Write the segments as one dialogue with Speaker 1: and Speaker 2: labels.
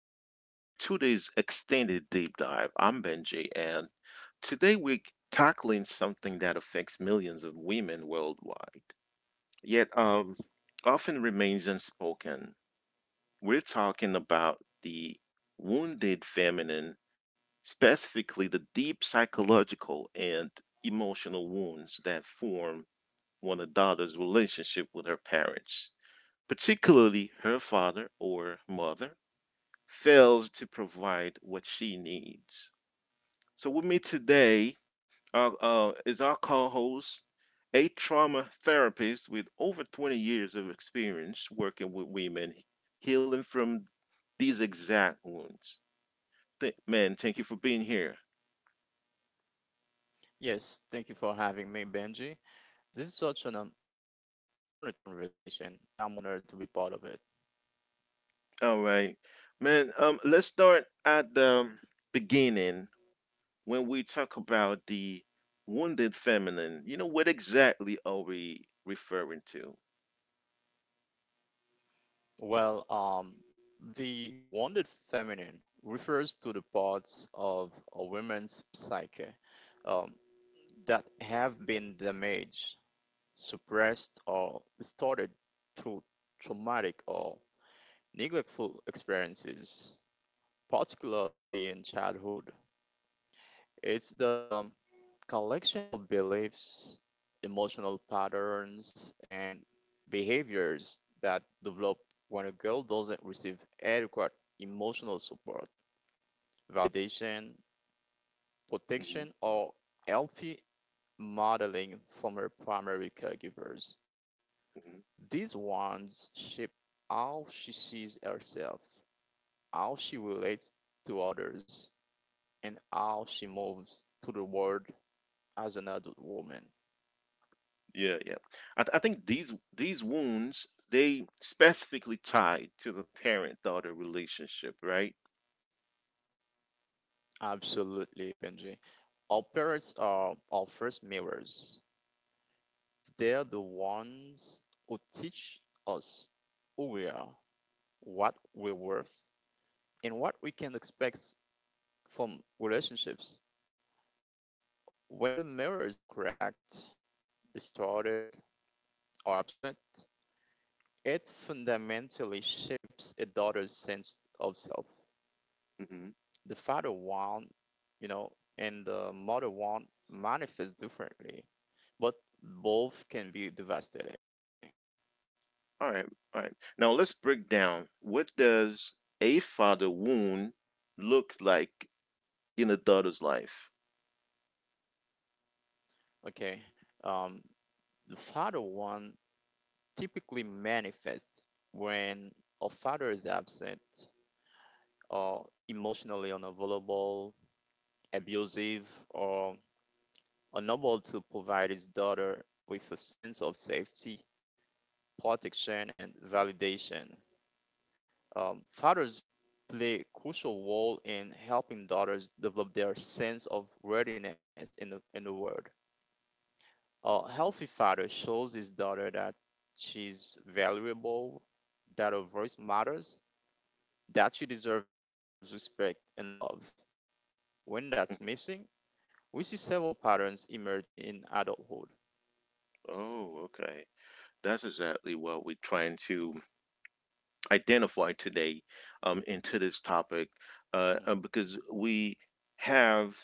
Speaker 1: everyone to today's extended deep dive. I'm Benji, and today we're tackling something that affects millions of women worldwide, yet often remains unspoken. We're talking about the wounded feminine, specifically the deep psychological and emotional wounds that form one a daughter's relationship with her parents, particularly her father or mother fails to provide what she needs. So, with me today is our co host, a trauma therapist with over 20 years of experience working with women healing from these exact wounds. Man, thank you for being here.
Speaker 2: Yes, thank you for having me, Benji. This is such an important conversation, and I'm honored to be part of it.
Speaker 1: All right. Man, let's start at the beginning when we talk about the wounded feminine. You know, what exactly are we referring to?
Speaker 2: Well, the wounded feminine refers to the parts of a woman's psyche um, that have been damaged, suppressed, or distorted through traumatic or neglectful experiences, particularly in childhood. It's the collection of beliefs, emotional patterns, and behaviors that develop when a girl doesn't receive adequate emotional support, validation, protection,
Speaker 1: Hmm.
Speaker 2: or healthy modeling from her primary caregivers. These ones shape how she sees herself, how she relates to others, and how she moves through the world as an adult woman.
Speaker 1: Yeah, yeah. I think these wounds they specifically tied to the parent-daughter relationship, right?
Speaker 2: Absolutely, Benji. Operas are our first mirrors. They're the ones who teach us who we are, what we're worth, and what we can expect from relationships. When the mirror is cracked, distorted, or absent, it fundamentally shapes a daughter's sense of self.
Speaker 1: Hmm.
Speaker 2: The father one, you know, and the mother one manifest differently, but both can be devastating.
Speaker 1: All right, all right. Now let's break down, what does a father wound look like in a daughter's life?
Speaker 2: Okay, um, the father one typically manifests when a father is absent or emotionally unavailable, abusive, or unable to provide his daughter with a sense of safety, protection, and validation. Fathers play a crucial role in helping daughters develop their sense of worthiness in the world. A healthy father shows his daughter that she's valuable, that her voice matters, that she deserves respect and love. When that's missing, we see several patterns emerge in adulthood.
Speaker 1: Oh, okay. That's exactly what we're trying to identify today, into this topic,
Speaker 2: Mhm.
Speaker 1: because we have.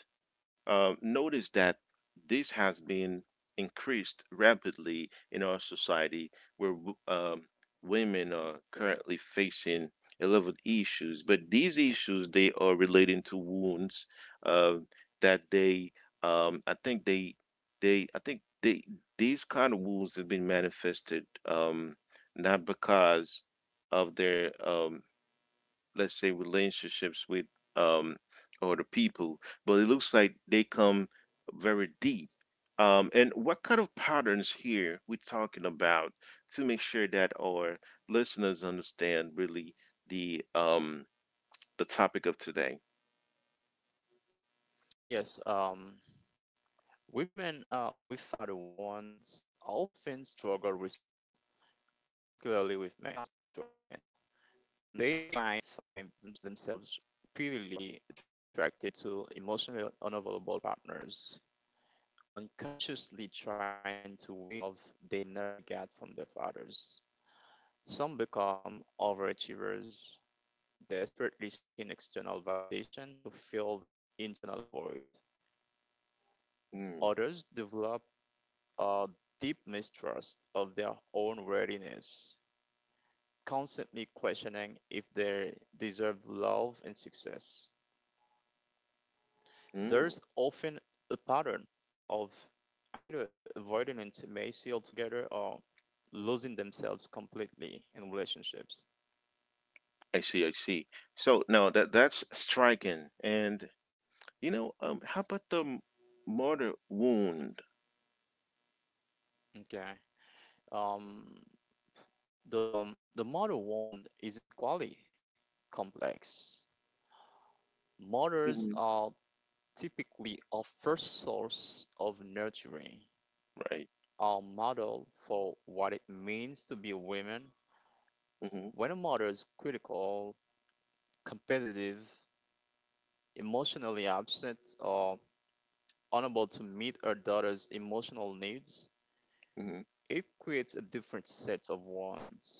Speaker 1: Uh, notice that this has been increased rapidly in our society where women
Speaker 2: Mhm.
Speaker 1: are currently facing a lot of issues, but these issues they are relating to wounds uh, that they I think they I think they these kind of wounds have been manifested, not because of their let's say relationships with um or the people, but it looks like they come very deep. And what kind of patterns here we're talking about to make sure that our listeners understand really the um the topic of today?
Speaker 2: Yes, women with father wounds often struggle with trust, particularly with men. They might find themselves repeatedly attracted to emotionally unavailable partners, unconsciously trying to win the love they never got from their fathers. Some become overachievers, desperately seeking external validation to fill that internal void.
Speaker 1: Mm.
Speaker 2: Others develop a deep mistrust of their own worthiness, constantly questioning if they deserve love and success.
Speaker 1: Mm.
Speaker 2: There's often a pattern of either avoiding intimacy altogether or losing themselves completely in relationships.
Speaker 1: I see, I see. So now that that's striking, and you know, how about the murder wound?
Speaker 2: Okay. Um, the mother wound is equally complex. Mothers
Speaker 1: Hmm.
Speaker 2: are typically our first source of nurturing,
Speaker 1: Right.
Speaker 2: our model for what it means to be a woman.
Speaker 1: Hmm.
Speaker 2: When a mother is critical, competitive, emotionally absent, or unable to meet our daughter's emotional needs, it creates a different set of wants.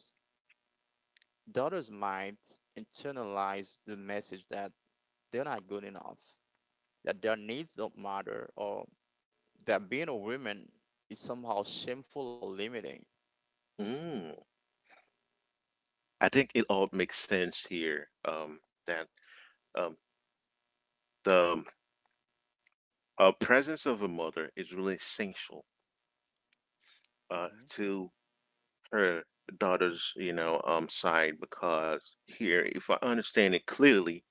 Speaker 2: Daughters might internalize the message that they're not good enough, that their needs don't matter, or that being a woman is somehow shameful or limiting.
Speaker 1: Hmm. I think it all makes sense here, that um, the presence of a mother is really essential
Speaker 2: Hmm.
Speaker 1: to her daughter's, you know, side, because here, if I understand it clearly,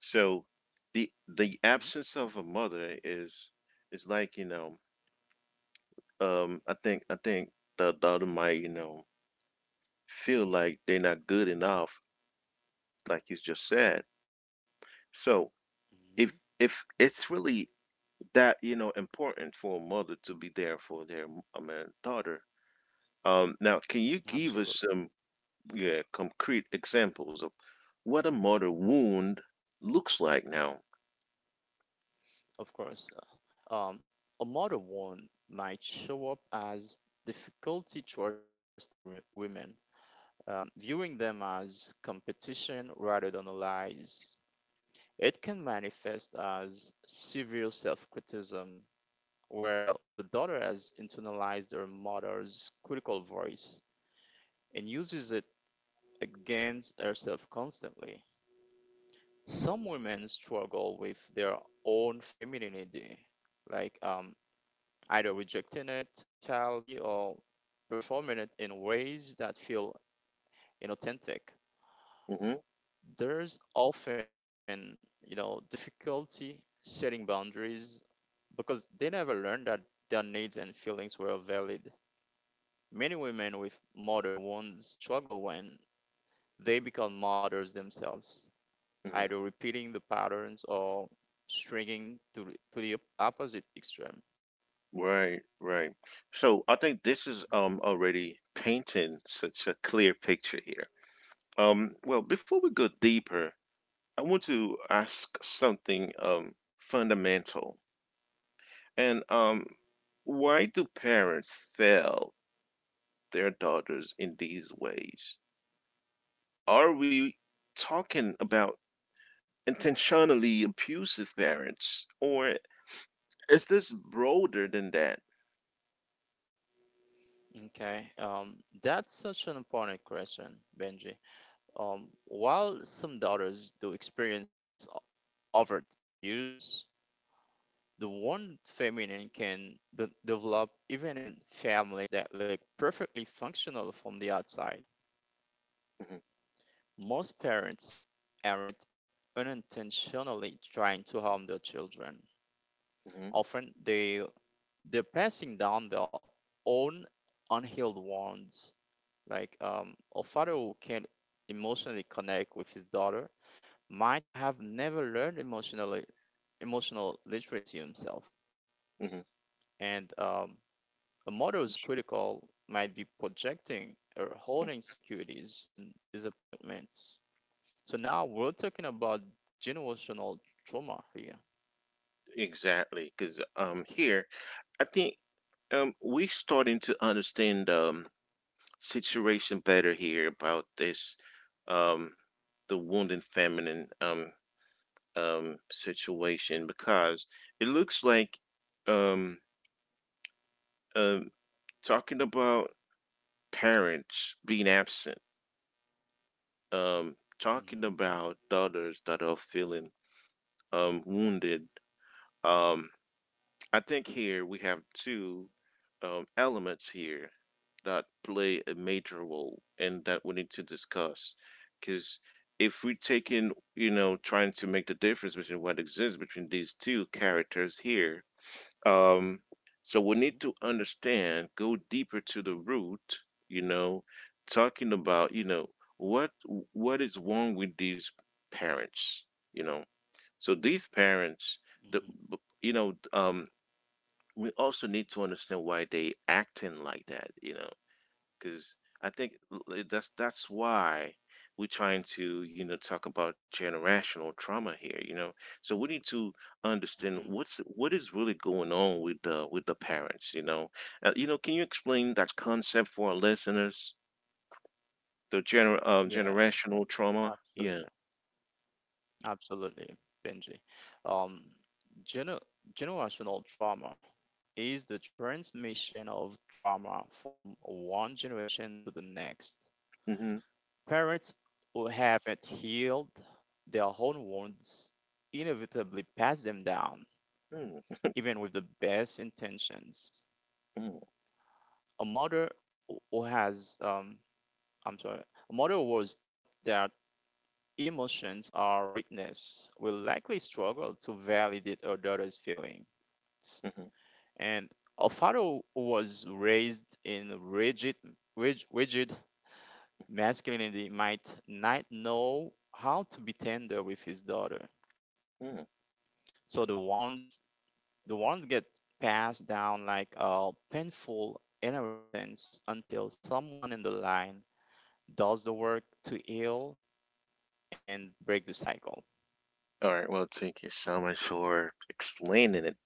Speaker 1: so the absence of a mother is like, you know, I think the daughter might, you know, feel like they're not good enough, like you just said. So
Speaker 2: Hmm.
Speaker 1: if if it's really that, you know, important for a mother to be there for their I mean daughter. Now, can you give us
Speaker 2: Absolutely,
Speaker 1: some yeah concrete examples of what a mother wound looks like now?
Speaker 2: of course. Um, a mother wound might show up as difficulty trusting other women, viewing them as competition rather than allies. It can manifest as severe self criticism, where the daughter has internalized her mother's critical voice and uses it against herself constantly. Some women struggle with their own femininity, like either rejecting it entirely or performing it in ways that feel inauthentic.
Speaker 1: Hmm.
Speaker 2: There's often difficulty setting boundaries because they never learned that their needs and feelings were valid. Many women with mother wounds struggle when they become mothers themselves,
Speaker 1: Hmm.
Speaker 2: either repeating the patterns or shrinking to the opposite extreme.
Speaker 1: Right, right. So I think this is
Speaker 2: Mhm.
Speaker 1: already painting such a clear picture here. Well, before we go deeper, I want to ask something fundamental, and why do parents fail their daughters in these ways? Are we talking about intentionally abusive parents, or is this broader than that?
Speaker 2: Okay, that's such an important question, Benji. While some daughters do experience overt abuse, the one feminine can develop even in families that look perfectly functional from the outside.
Speaker 1: Hmm.
Speaker 2: Most parents aren't unintentionally trying to harm their children. Often they're passing down their own unhealed wounds. Like, a father who can't emotionally connect with his daughter might have never learned emotional literacy himself,
Speaker 1: Hmm. Hmm.
Speaker 2: and a model's critical might be projecting or holding securities and disappointments. So now we're talking about generational trauma here.
Speaker 1: Exactly, because here I think we're starting to understand the situation better here about this um, the wounded feminine situation, because it looks like um, um, talking about parents being absent, um,
Speaker 2: Mm-hmm.
Speaker 1: talking about daughters that are feeling wounded. Um, I think here we have two elements here that play a major role and that we need to discuss. Because if we're taking, you know, trying to make the difference between what exists between these two characters here, Um, so we need
Speaker 2: Mm-hmm.
Speaker 1: to understand, go deeper to the root, you know, talking about, you know, what what is wrong with these parents, you know. So these parents, the
Speaker 2: Mm-hmm.
Speaker 1: you know, we also need to understand why they acting like that, you know, because I think that's why we're trying to, you know, talk about generational trauma here. You know, so we need to understand
Speaker 2: Mm-hmm.
Speaker 1: what's what is really going on with the parents. You know, can you explain that concept for our listeners? The
Speaker 2: Yeah,
Speaker 1: generational trauma. Yeah.
Speaker 2: absolutely, absolutely, Benji. Um, gener generational trauma is the transmission of trauma from one generation to the next.
Speaker 1: Hmm.
Speaker 2: Parents who haven't healed their own wounds inevitably pass them down, even with the best intentions.
Speaker 1: Mm.
Speaker 2: A mother who has, I'm sorry, a mother who was taught that emotions are weakness will likely struggle to validate her daughter's feelings.
Speaker 1: Mm.
Speaker 2: And a father who was raised in rigid masculinity might not know how to be tender with his daughter.
Speaker 1: Mm.
Speaker 2: So the ones get passed down like a painful inheritance until someone in the line does the work to heal and break the cycle.
Speaker 1: All right. Well, thank you so much for explaining it,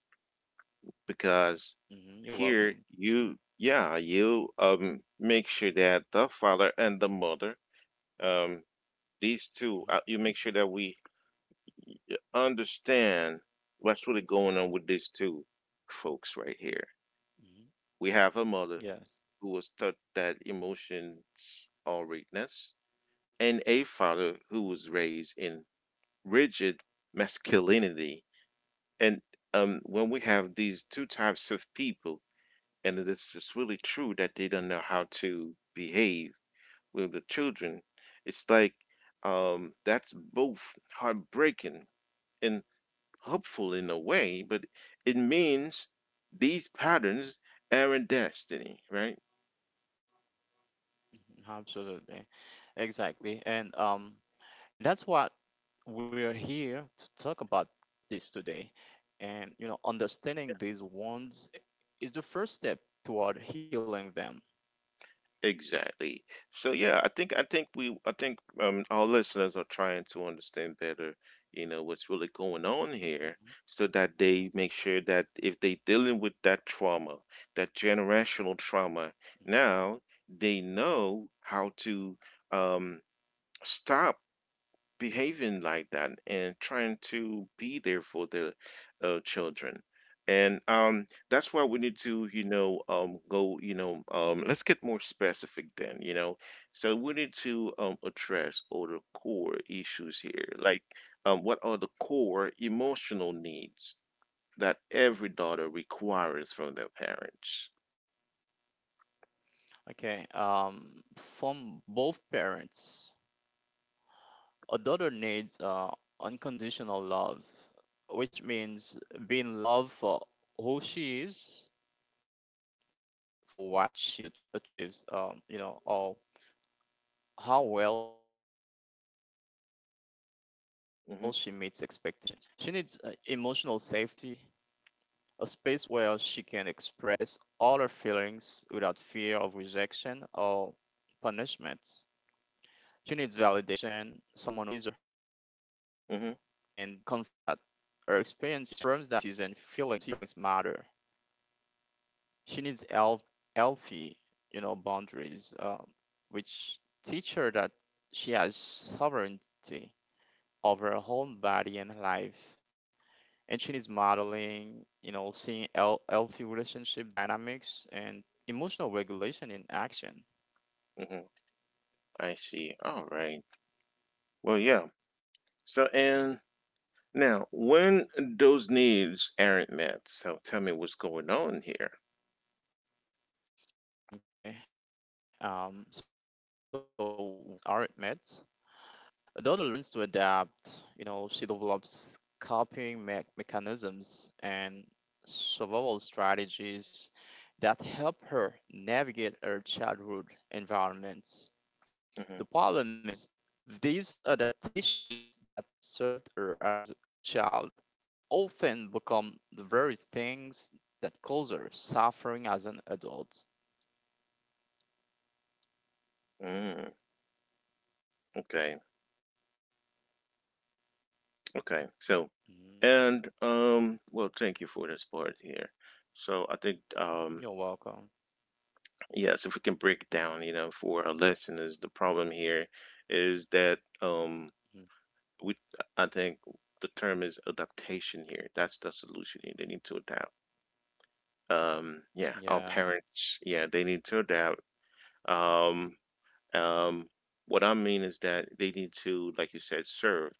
Speaker 1: because
Speaker 2: Hmm. You're
Speaker 1: here
Speaker 2: welcome.
Speaker 1: you, yeah, you make sure that the father and the mother um these two,
Speaker 2: Hmm.
Speaker 1: you make sure that we understand what's really going on with these two folks right here.
Speaker 2: Hmm.
Speaker 1: We have a mother
Speaker 2: Yes.
Speaker 1: who was taught that emotion are weakness, and a father who was
Speaker 2: Hmm.
Speaker 1: raised in rigid masculinity, and when we have these two types of people, and it is just really true that they don't know how to behave with the children. It's like that's both heartbreaking and hopeful in a way, but it means these patterns aren't destiny, right?
Speaker 2: Absolutely. Exactly. And that's what we're here to talk about this today. And understanding these wounds is the first step toward healing them.
Speaker 1: Exactly. So yeah, I think our listeners are trying to understand better, you know, what's really going on here,
Speaker 2: Mhm.
Speaker 1: so that they make sure that if they dealing with that trauma, that generational trauma, now they know how to um stop behaving like that and trying to be there for the children. And that's why we
Speaker 2: Mhm.
Speaker 1: need to, you know, go, you know, let's get more specific then, you know. So we need to
Speaker 2: Mhm.
Speaker 1: address all the core issues here. Like, what are the core emotional needs that every daughter requires from their parents?
Speaker 2: Okay, from both parents, a daughter needs unconditional love, which means being loved for who she is, not for what she achieves, or how well she meets expectations. She needs
Speaker 1: Mm-hmm.
Speaker 2: emotional safety, a space where she can express all her feelings without fear of rejection or punishment. She needs validation, someone who sees her,
Speaker 1: Mm-hmm.
Speaker 2: ears her, and confirms that her experiences and feelings matter. She needs healthy, boundaries, which teach her that she has sovereignty over her own body and life. And she needs modeling, seeing healthy relationship dynamics and emotional regulation in action.
Speaker 1: Mm-hmm. I see. All right. Well, yeah. So, and now, when those needs aren't met, so tell me what's going on here.
Speaker 2: Okay. So when those needs aren't met, Dodo learns to adapt. She develops coping mechanisms and survival strategies that help her navigate her childhood environments.
Speaker 1: Mhm.
Speaker 2: The problem is, these adaptations that served her as a child often become the very things that cause her suffering as an adult.
Speaker 1: Mm, okay, okay. So,
Speaker 2: Mhm.
Speaker 1: and well, thank you for this part here. So I think,
Speaker 2: You're welcome.
Speaker 1: yes, if we can break it down, you know, for our listeners, the problem here is that,
Speaker 2: Mhm.
Speaker 1: we I think the term is adaptation here. That's the solution here. They need to adapt. Yeah, our
Speaker 2: Yeah.
Speaker 1: parents, yeah, they need to adapt. Um, Um, what I mean is that they need to, like you said, serve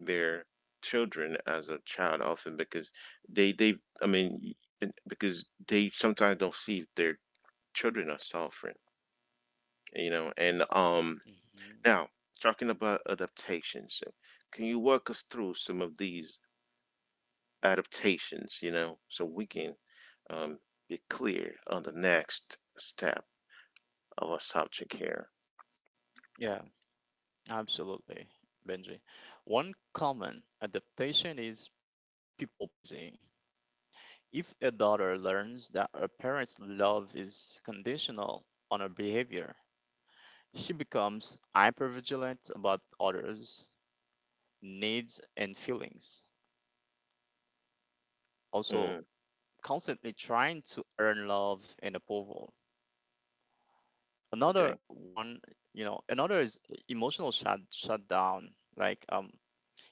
Speaker 1: their children as a child often because they, they, I mean, because they sometimes don't see their children are suffering, you know. And
Speaker 2: Hmm.
Speaker 1: now talking about adaptations, so can you walk us through some of these adaptations, you know, so we can um, be clear on the next step of our subject here?
Speaker 2: Yeah. Absolutely, Benji. One common adaptation is people pleasing. If a daughter learns that her parents' love is conditional on her behavior, she becomes hypervigilant about others' needs and feelings, also
Speaker 1: Mm,
Speaker 2: constantly trying to earn love and approval. Another
Speaker 1: okay.
Speaker 2: one, you know, another is emotional shutdown. Like, um,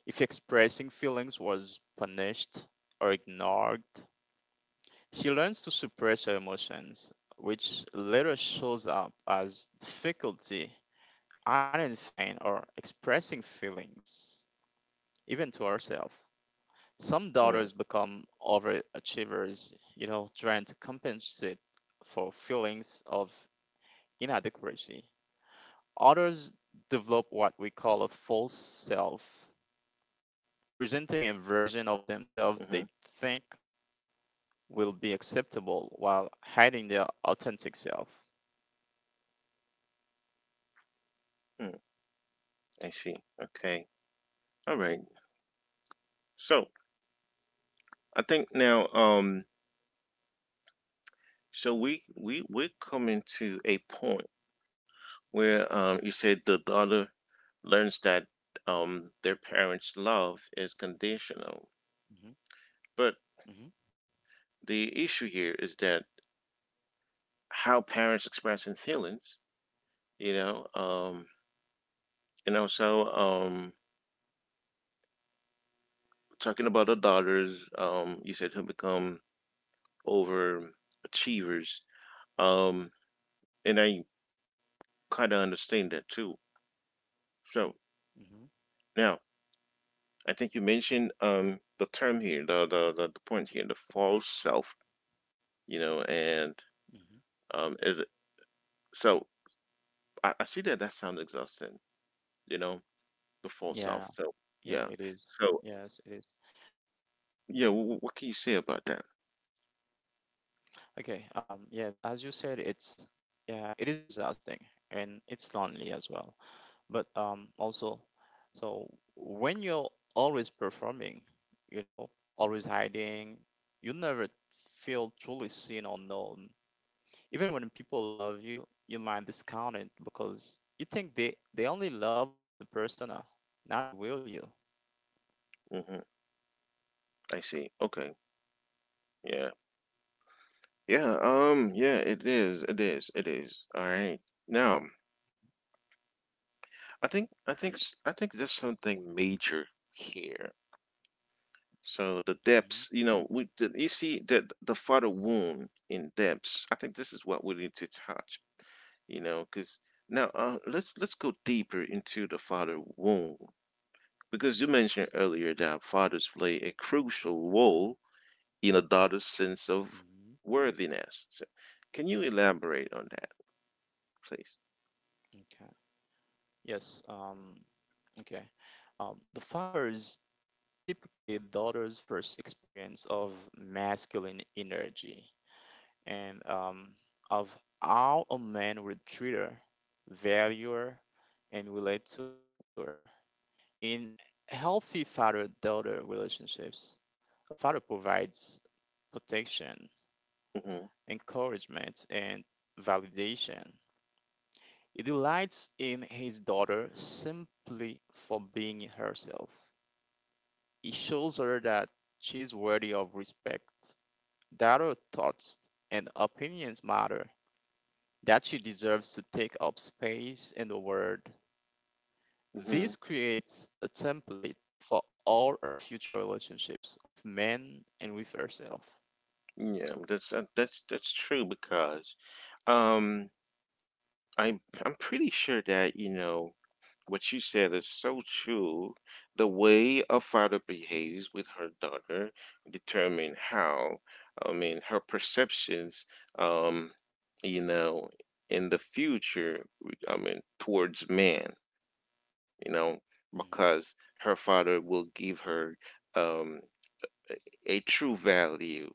Speaker 2: If expressing feelings was punished or ignored, she learns to suppress her emotions, which later shows up as difficulty identifying or expressing feelings, even to herself. Some
Speaker 1: Mm.
Speaker 2: daughters become overachievers, trying to compensate for feelings of inadequacy. Others develop what we call a false self, presenting a version of
Speaker 1: Hmm.
Speaker 2: themselves they think will be acceptable while hiding their authentic self.
Speaker 1: I see. Okay. All right. So I think now, so we're coming to a point where you said the daughter learns that their parents' love is conditional.
Speaker 2: Mhm.
Speaker 1: But
Speaker 2: Mhm.
Speaker 1: the issue here is that how parents expressing feelings, you know, and also talking about the daughters, you said who become overachievers. Um and I kinda understand that too. So
Speaker 2: Mhm.
Speaker 1: now I think you mentioned the term here, the point here, the false self, you know, and
Speaker 2: Mhm.
Speaker 1: um it, so I see that that sounds exhausting, you know, the false
Speaker 2: Yeah,
Speaker 1: self. So
Speaker 2: yeah,
Speaker 1: yeah,
Speaker 2: it is.
Speaker 1: so
Speaker 2: Yes, it is.
Speaker 1: yeah, what can you say about that?
Speaker 2: Okay. Yes, as you said, it's yeah, it is exhausting, and it's lonely as well. But also, so when you're always performing, you know, always hiding, you never feel truly seen or known. Even when people love you, you might discount it because you think they only love the persona, not the will you.
Speaker 1: Hmm. I see. Okay. Yeah. Yeah. Yeah. It is. It is. It is. All right. Now I think there's something major here. So the
Speaker 2: Hmm.
Speaker 1: depths, you know, we the, you see that the father wound in depths. I think this is what we need to touch, you know, because now, let's go deeper into the father wound, because you mentioned earlier that fathers play a crucial role in a daughter's sense of
Speaker 2: Hmm.
Speaker 1: worthiness. So can you elaborate on that, please?
Speaker 2: Okay. Yes, okay. The father is typically a daughter's first experience of masculine energy and, of how a man would treat her, value her, and relate to her. In healthy father daughter relationships, a father provides protection,
Speaker 1: Hmm.
Speaker 2: encouragement, and validation. He delights in his daughter simply for being herself. He shows her that she is worthy of respect, that her thoughts and opinions matter, that she deserves to take up space in the world. This
Speaker 1: Hmm.
Speaker 2: creates a template for all her future relationships with men and with herself.
Speaker 1: Yeah, that's that's true, because um I'm pretty sure that, you know, what you said is so true. The way a father behaves with
Speaker 2: Hmm.
Speaker 1: her daughter determine how, I mean, her perceptions, um, you know, in the future, I mean, towards man, you know, because
Speaker 2: Hmm.
Speaker 1: her father will give her um, a true value,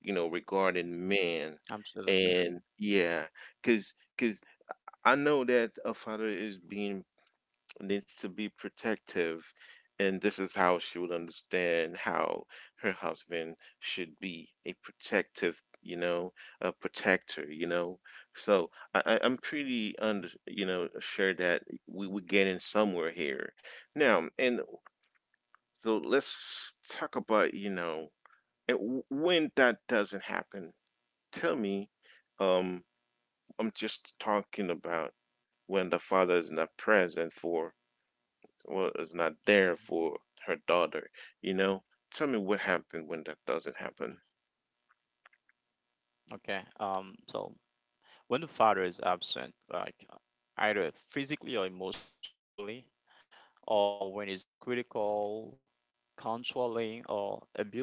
Speaker 1: you know,
Speaker 2: Hmm.
Speaker 1: regarding man.
Speaker 2: Absolutely.
Speaker 1: And yeah, because I know that a father is being needs to be protective, and this is how she would understand how her husband should be a protective, you know, a protector, you know. So I'm pretty
Speaker 2: Hmm.
Speaker 1: under, you know, sure that we would get in somewhere here. Now, and so let's talk about, you know, and when that doesn't happen. Tell me, um, I'm just talking about when the father is not present for well is not
Speaker 2: Hmm.
Speaker 1: there for her daughter, you know, tell me what happened when that doesn't happen.
Speaker 2: Okay. So when the father is absent, like either physically or emotionally, or when he's critical, controlling, or abusive,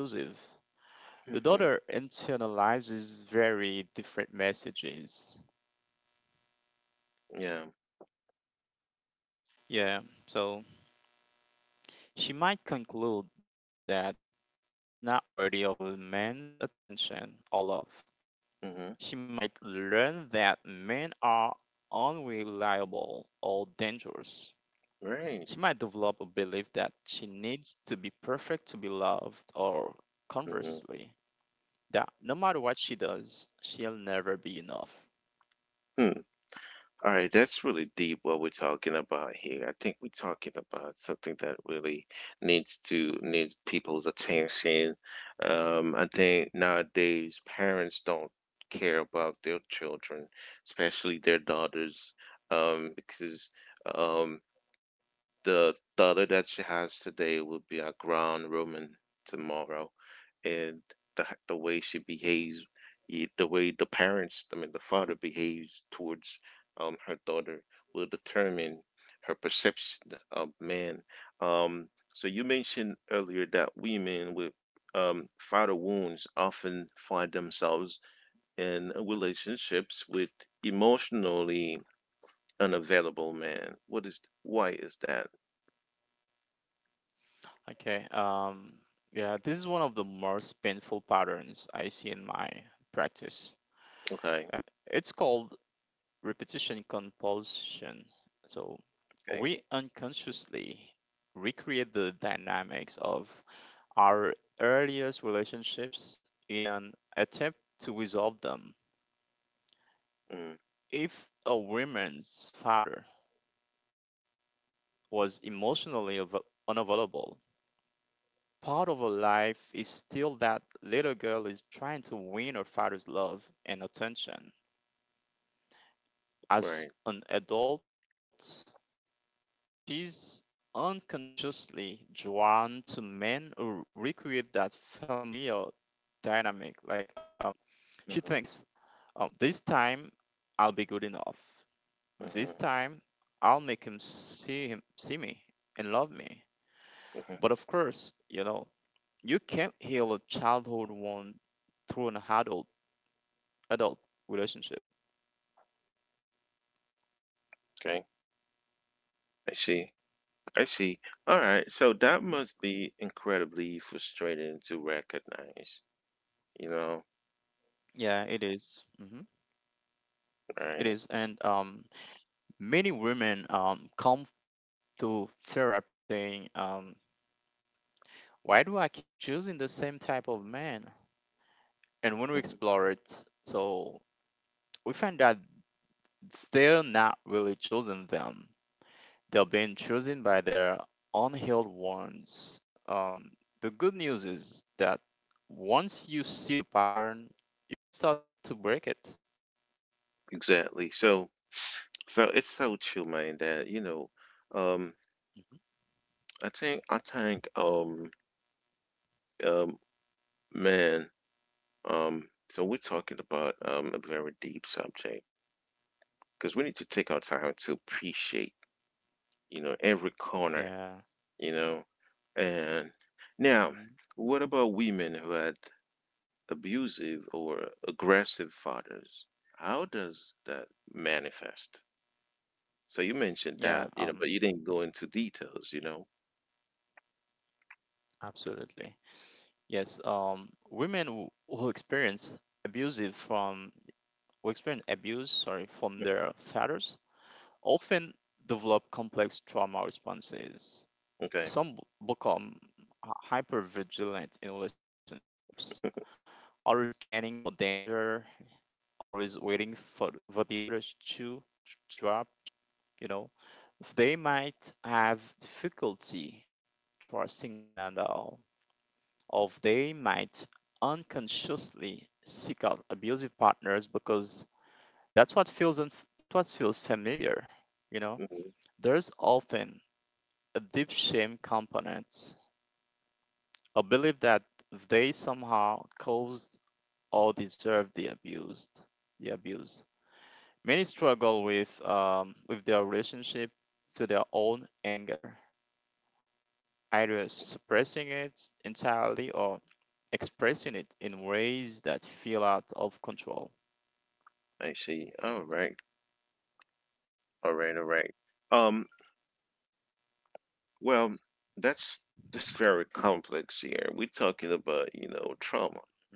Speaker 2: the daughter
Speaker 1: Hmm.
Speaker 2: internalizes very different messages.
Speaker 1: Yeah.
Speaker 2: Yeah, so she might conclude that she's not worthy of a man's attention or love.
Speaker 1: Hmm.
Speaker 2: She might learn that men are unreliable or dangerous.
Speaker 1: Right.
Speaker 2: She might develop a belief that she needs to be perfect to be loved, or
Speaker 1: Hmm.
Speaker 2: conversely, that no matter what she does, she'll never be enough.
Speaker 1: Hmm. All right, that's really deep what we're talking about here. I think we're talking about something that really needs people's attention. I think nowadays parents don't care about their children, especially their daughters, because um, the daughter that she has today will be a ground Roman tomorrow, and the the way she behaves,
Speaker 2: Hmm.
Speaker 1: the way the parents, I mean the father behaves towards her daughter will determine her perception of man. Um, so you mentioned earlier that women with father wounds often find themselves in relationships with emotionally unavailable men. What is why is that?
Speaker 2: Okay, yeah, this is one of the most painful patterns I see in my practice,
Speaker 1: Okay.
Speaker 2: and it's called repetition compulsion. So,
Speaker 1: Okay.
Speaker 2: we unconsciously recreate the dynamics of our earliest relationships in an attempt to resolve them.
Speaker 1: Mm.
Speaker 2: If a woman's father was emotionally unavailable, part of her life is still that little girl is trying to win her father's love and attention. As
Speaker 1: Right.
Speaker 2: an adult, she's unconsciously drawn to men who recreate that familiar dynamic. Like, she
Speaker 1: Mm-hmm.
Speaker 2: thinks, this time I'll be good enough. This
Speaker 1: Mm-hmm.
Speaker 2: time I'll make him see me and love me.
Speaker 1: Hmm.
Speaker 2: But of course, you can't heal a childhood wound through an adult relationship.
Speaker 1: Okay. I see. I see. All right. So that
Speaker 2: Hmm.
Speaker 1: must be incredibly frustrating to recognize, you know?
Speaker 2: Yeah, it is. Mm-hmm.
Speaker 1: Right.
Speaker 2: It is, and many women come to therapy saying, why do I keep choosing the same type of man? And when we
Speaker 1: Mhm.
Speaker 2: explore it, so we find that they're not really choosing them. They've been chosen by their unhealed ones. The good news is that once you see the pattern, you can start to break it.
Speaker 1: Exactly. So it's so true, man, that, um,
Speaker 2: Mhm.
Speaker 1: I think, um, man, um, so we're talking about,
Speaker 2: Mhm.
Speaker 1: a very deep subject, because we need to take our time to appreciate, every corner
Speaker 2: Yeah.
Speaker 1: you know. And now,
Speaker 2: Hmm.
Speaker 1: what about women who had abusive or aggressive fathers? How does that manifest? So you mentioned that, but you
Speaker 2: Yeah.
Speaker 1: didn't go into details.
Speaker 2: Absolutely. Yes. Women who experience abusive from who experience abuse, sorry, from their fathers, often develop complex trauma responses.
Speaker 1: Okay.
Speaker 2: Some become hyper vigilant in relationships, always scanning for danger, always waiting for the other shoe to drop, you know. They might have difficulty trusting men at all, or they might unconsciously seek out abusive partners because that's what feels familiar, you know.
Speaker 1: Mhm.
Speaker 2: There's often a deep shame component, a belief that they somehow caused or deserve the abuse. Many struggle with their relationship to their own anger, either suppressing it entirely or expressing it in ways that feel out of control.
Speaker 1: I see. All right. All right. All right. Um, well, that's that's very complex here. We're talking about trauma.
Speaker 2: Mhm,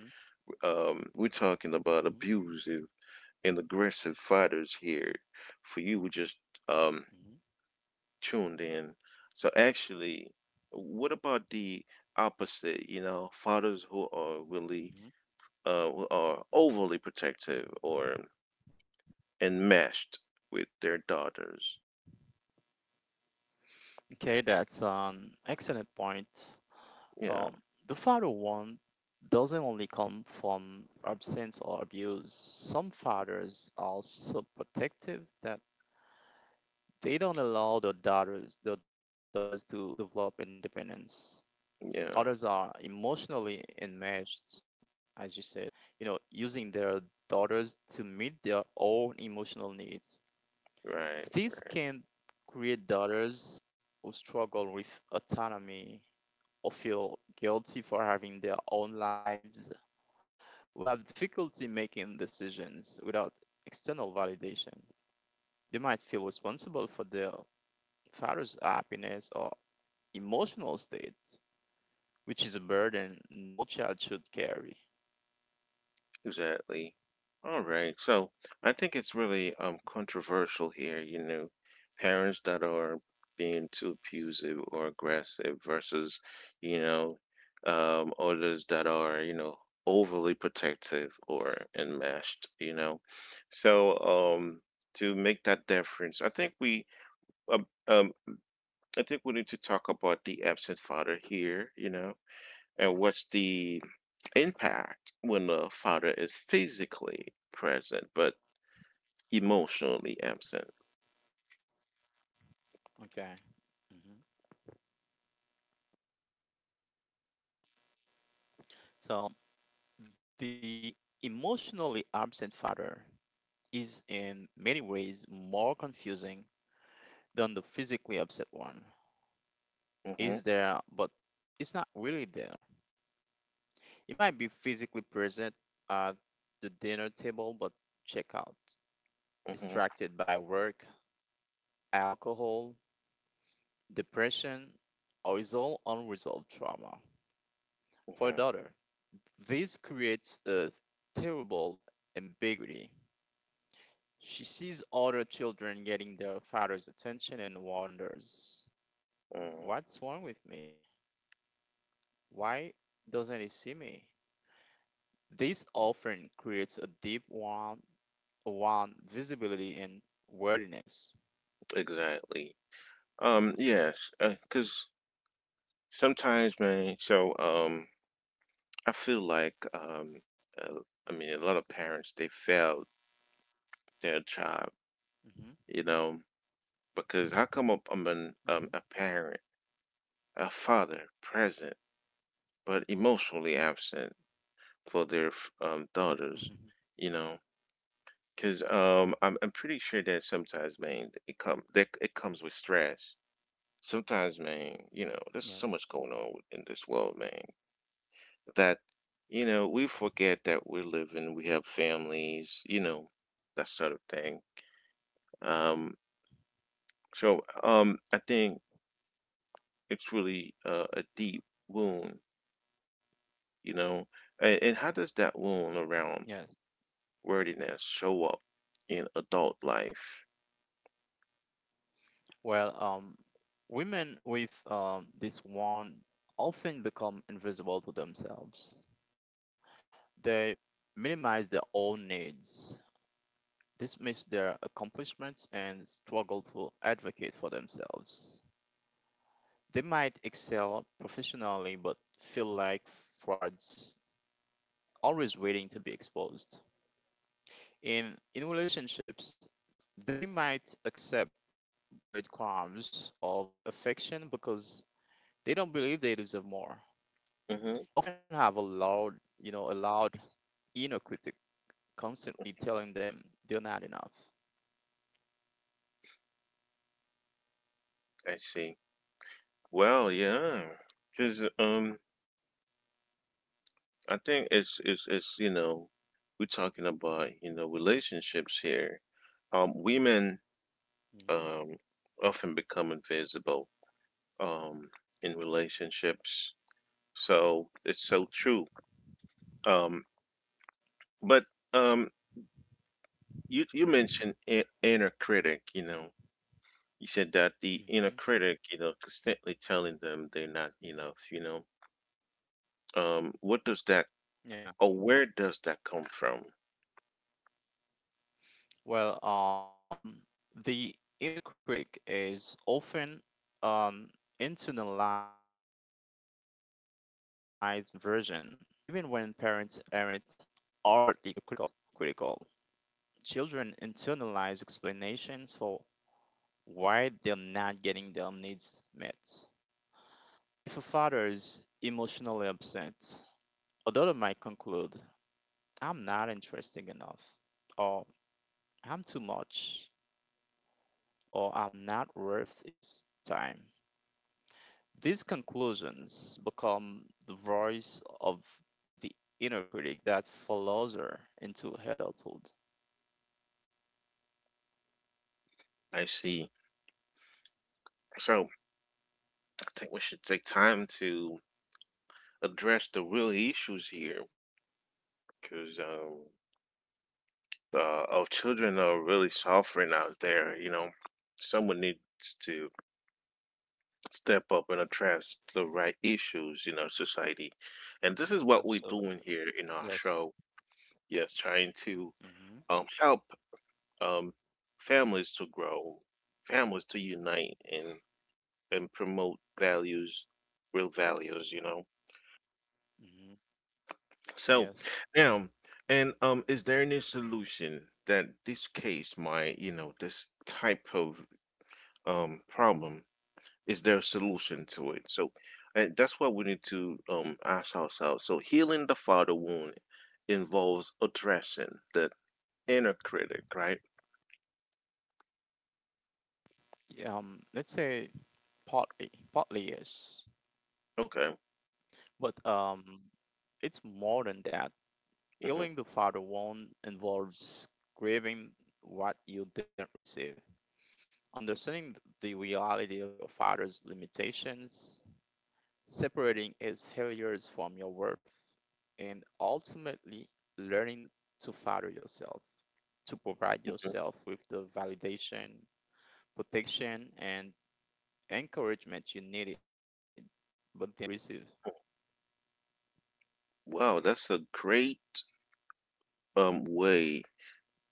Speaker 1: We're talking
Speaker 2: mhm,
Speaker 1: about abusive and aggressive fathers here. For you, we just um
Speaker 2: mhm,
Speaker 1: tuned in. So actually, what about the opposite? Fathers who are
Speaker 2: mhm.
Speaker 1: overly protective or enmeshed with their daughters.
Speaker 2: Okay, that's an excellent point.
Speaker 1: Yeah,
Speaker 2: Um, the father one doesn't only come from absence or abuse. Some fathers are so protective that they don't allow their daughters to develop independence. Others are
Speaker 1: yeah,
Speaker 2: emotionally enmeshed, as you said, using their daughters to meet their own emotional needs.
Speaker 1: right.
Speaker 2: This can create daughters who struggle with autonomy or feel guilty for having their own lives, who have difficulty making decisions without external validation. They might feel responsible for their father's happiness or emotional state, which is a burden no child should carry.
Speaker 1: Exactly. All right. So I think it's really controversial here. Parents that are being too abusive or aggressive versus, you know, others that are overly protective or enmeshed. So um to make that difference, um, um I think we need to talk about the absent father here, and what's the impact when the father is physically present but emotionally absent.
Speaker 2: Okay. hmm So the emotionally absent father is in many ways more confusing than the physically upset one.
Speaker 1: Hmm.
Speaker 2: Is there, but it's not really there. It might be physically present at the dinner table, but check out,
Speaker 1: Hmm.
Speaker 2: distracted by work, alcohol, depression, or is all unresolved trauma. For
Speaker 1: Hmm.
Speaker 2: a daughter, this creates a terrible ambiguity. She sees other children getting their father's attention and wonders,
Speaker 1: Hmm.
Speaker 2: what's wrong with me? Why doesn't he see me? This often creates a deep warmth around visibility and worthiness.
Speaker 1: Exactly. Yes. Because sometimes, man. So, I feel likeuh, I mean, a lot of parents, they failed their job.
Speaker 2: Hmm.
Speaker 1: You know, because how come up I'm an
Speaker 2: Hmm.
Speaker 1: a parent, a father present but emotionally absent for their
Speaker 2: Hmm.
Speaker 1: daughters? You know Because I'm pretty sure that sometimes, man, it comes with stress. Sometimes, man, there's
Speaker 2: Yes.
Speaker 1: so much going on in this world, man, that we forget that we're living, we have families, that sort of thing. Um, I think it's really a deep wound, you know. And how does that wound around
Speaker 2: Yes.
Speaker 1: worthiness show up in adult life?
Speaker 2: Well, women with this wound often become invisible to themselves. They minimize their own needs, dismiss their accomplishments and struggle to advocate for themselves. They might excel professionally but feel like frauds, always waiting to be exposed. In relationships, they might accept breadcrumbs of affection because they don't believe they deserve more.
Speaker 1: Mm-hmm.
Speaker 2: They often have a loud inner critic constantly telling them they're not enough.
Speaker 1: I see. Well, yeah, because I think it's we're talking about relationships here. Women
Speaker 2: Hmm.
Speaker 1: um often become invisible um in relationships, so it's so
Speaker 2: Hmm.
Speaker 1: true. Um, but um, you mentioned inner critic. You said that the inner
Speaker 2: Mm-hmm.
Speaker 1: critic, constantly telling them they're not enough. What does that,
Speaker 2: Yeah.
Speaker 1: or where does that come from?
Speaker 2: Well, the inner critic is often an internalized version of the critical parent. But even when parents aren't overtly critical, children internalize explanations for why they're not getting their needs met. If a father is emotionally upset, a daughter might conclude, I'm not interesting enough, or I'm too much, or I'm not worth his time. These conclusions become the voice of the inner critic that follows her into adulthood.
Speaker 1: I see. So I think we should take time to address the real issues here, because our children are really suffering out there. Someone needs to step up and address the right issues in our society, and this is what we're
Speaker 2: Absolutely.
Speaker 1: doing here in our
Speaker 2: Yes.
Speaker 1: show. Yes, trying to
Speaker 2: Hmm.
Speaker 1: help um, families to grow, families to unite, and promote values, real values.
Speaker 2: Hmm. Yes.
Speaker 1: So now, and is there any solution that this case might, this type of problem, is there a solution to it? So, and that's what we need to ask ourselves. So healing the father wound involves addressing the inner critic, right?
Speaker 2: Yeah. Let's say partly yes,
Speaker 1: Okay.
Speaker 2: but it's more than that.
Speaker 1: Hmm.
Speaker 2: Healing the father wound involves grieving what you didn't receive, understanding the reality of your father's limitations, separating its failures from your worth, and ultimately learning to father yourself, to provide yourself with the validation, protection, and encouragement you needed but didn't receive.
Speaker 1: Wow, that's a great way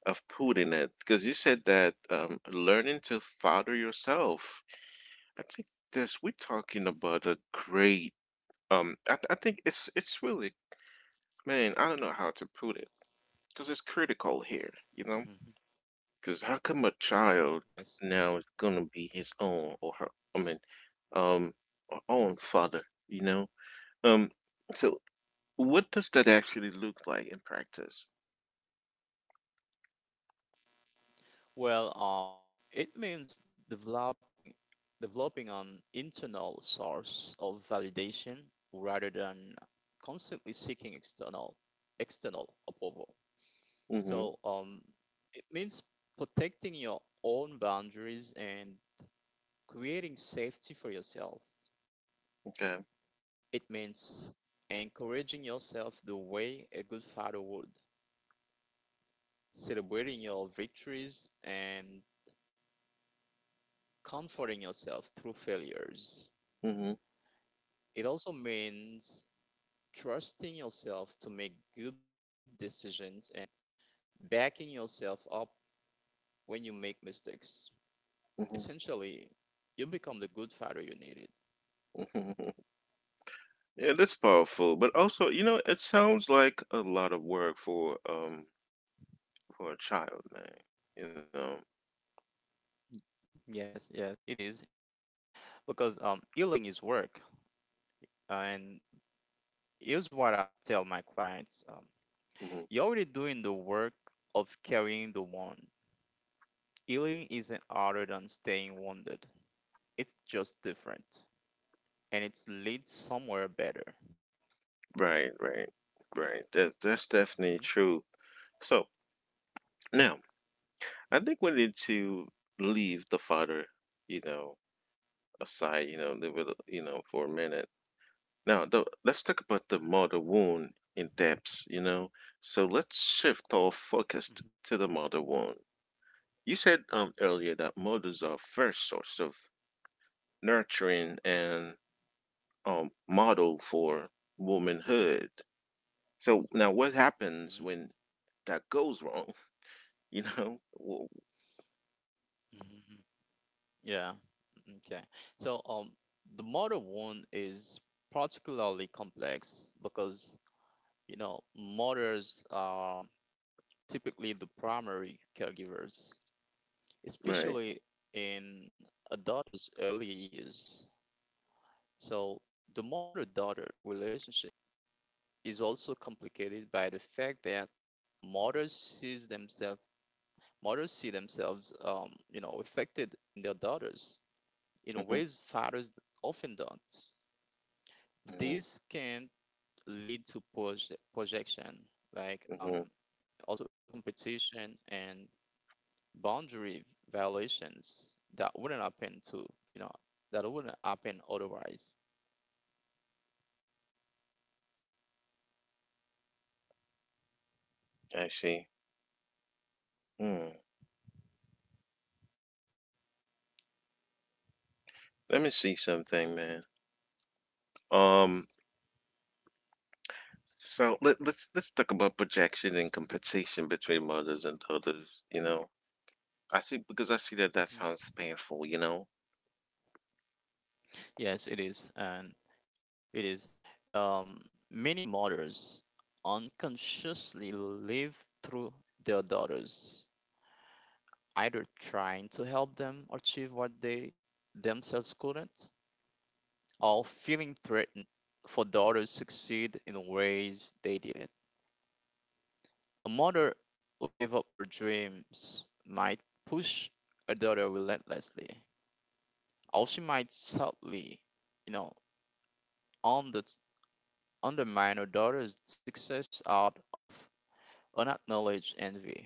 Speaker 1: of putting it, because you said that learning to father yourself, I think this, we're talking about a great I think it's really, man, I don't know how to put it, because it's critical here, you know?
Speaker 2: Mhm.
Speaker 1: Because how come a
Speaker 2: Yeah,
Speaker 1: child
Speaker 2: yes. Mhm,
Speaker 1: now is gonna be his own or her, I mean, um or own father, you know? Um so
Speaker 2: mhm.
Speaker 1: what does that actually look like in practice?
Speaker 2: Well, it means developing an internal source of validation rather than constantly seeking external approval.
Speaker 1: Mm-hmm.
Speaker 2: So it means protecting your own boundaries and creating safety for yourself.
Speaker 1: Okay.
Speaker 2: It means encouraging yourself the way a good father would, celebrating your victories and comforting yourself through failures.
Speaker 1: Hmm.
Speaker 2: It also means trusting yourself to make good decisions and backing yourself up when you make mistakes.
Speaker 1: Hmm.
Speaker 2: Essentially, you become the good father you needed.
Speaker 1: Hmm. Yeah, that's powerful. But also, it sounds like a lot of work for a child, man. You know.
Speaker 2: Yes, yes, it is. It is work because healing is work. And here's what I tell my clients,
Speaker 1: Hmm.
Speaker 2: you're already doing the work of carrying the wound. Healing isn't harder than staying wounded, it's just different and it leads somewhere better.
Speaker 1: Right, right, right. That's definitely
Speaker 2: Hmm.
Speaker 1: true. So now, I think we need to leave the father, you know, aside. Leave it, for a minute. Now, let's talk about the mother wound in depth. So let's shift our focus
Speaker 2: Hmm.
Speaker 1: to the mother wound. You said earlier that mothers are first source of nurturing and model for womanhood. So now, what happens
Speaker 2: Hmm.
Speaker 1: when that goes wrong? Well,
Speaker 2: Hmm. Yeah. Okay. So um, the mother wound is particularly complex because mothers typically the primary caregivers,
Speaker 1: right?
Speaker 2: especially in a daughter's early years. So, the mother daughter relationship is also complicated by the fact that mothers sees themselves mothers see themselves affected in their daughters in
Speaker 1: Hmm.
Speaker 2: ways fathers often don't.
Speaker 1: Hmm.
Speaker 2: This can lead to projection, like
Speaker 1: Hmm.
Speaker 2: also competition and boundary violations that wouldn't happen otherwise.
Speaker 1: I see. Hmm. Let me see something, man. Um. So let's talk about projection and compensation between mothers and daughters. I see, because I see that that sounds painful.
Speaker 2: Yes it is. It is um, Many mothers unconsciously live through their daughters, either trying to help them achieve what they themselves couldn't or feeling threatened for daughters succeed in ways they didn't. A mother who gave up her dreams might push her daughter relentlessly, or she might subtly, you know, under, undermine her daughter's success out of unacknowledged envy.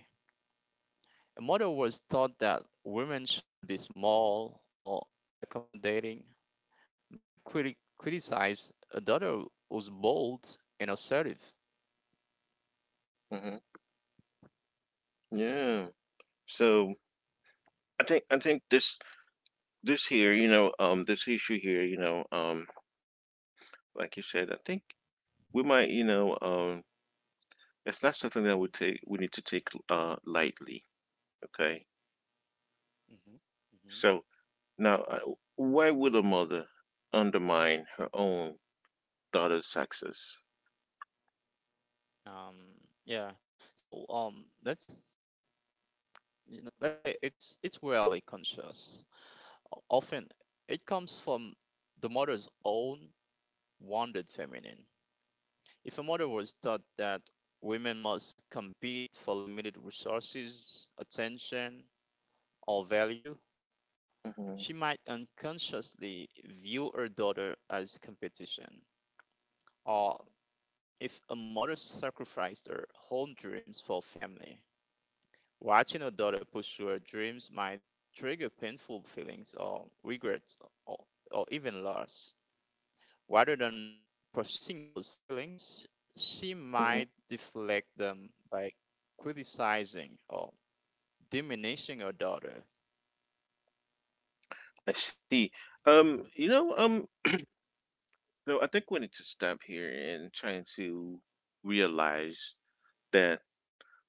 Speaker 2: A mother was taught that women should be small or accommodating, might criticize a daughter who's bold and assertive.
Speaker 1: Hmm. Yeah. So I think this here, this issue here, like you said, I think we might, it's not something that we need to take lightly. Okay,
Speaker 2: Hmm. Hmm.
Speaker 1: so now, why would a mother undermine her own daughter's success?
Speaker 2: Um, yeah. So let's say it's rarely conscious. Often it comes from the mother's own wounded feminine. If a mother was taught that women must compete for limited resources, attention, or value,
Speaker 1: Mhm.
Speaker 2: she might unconsciously view her daughter as competition. Or if a mother sacrificed her home dreams for family, watching a daughter pursue her dreams might trigger painful feelings or regrets or, or even loss. Rather than processing those feelings, she might
Speaker 1: Mhm.
Speaker 2: deflect them by criticizing or diminishing her daughter.
Speaker 1: I see. Um, you know, um, so I think we need to stop here and trying to realize that,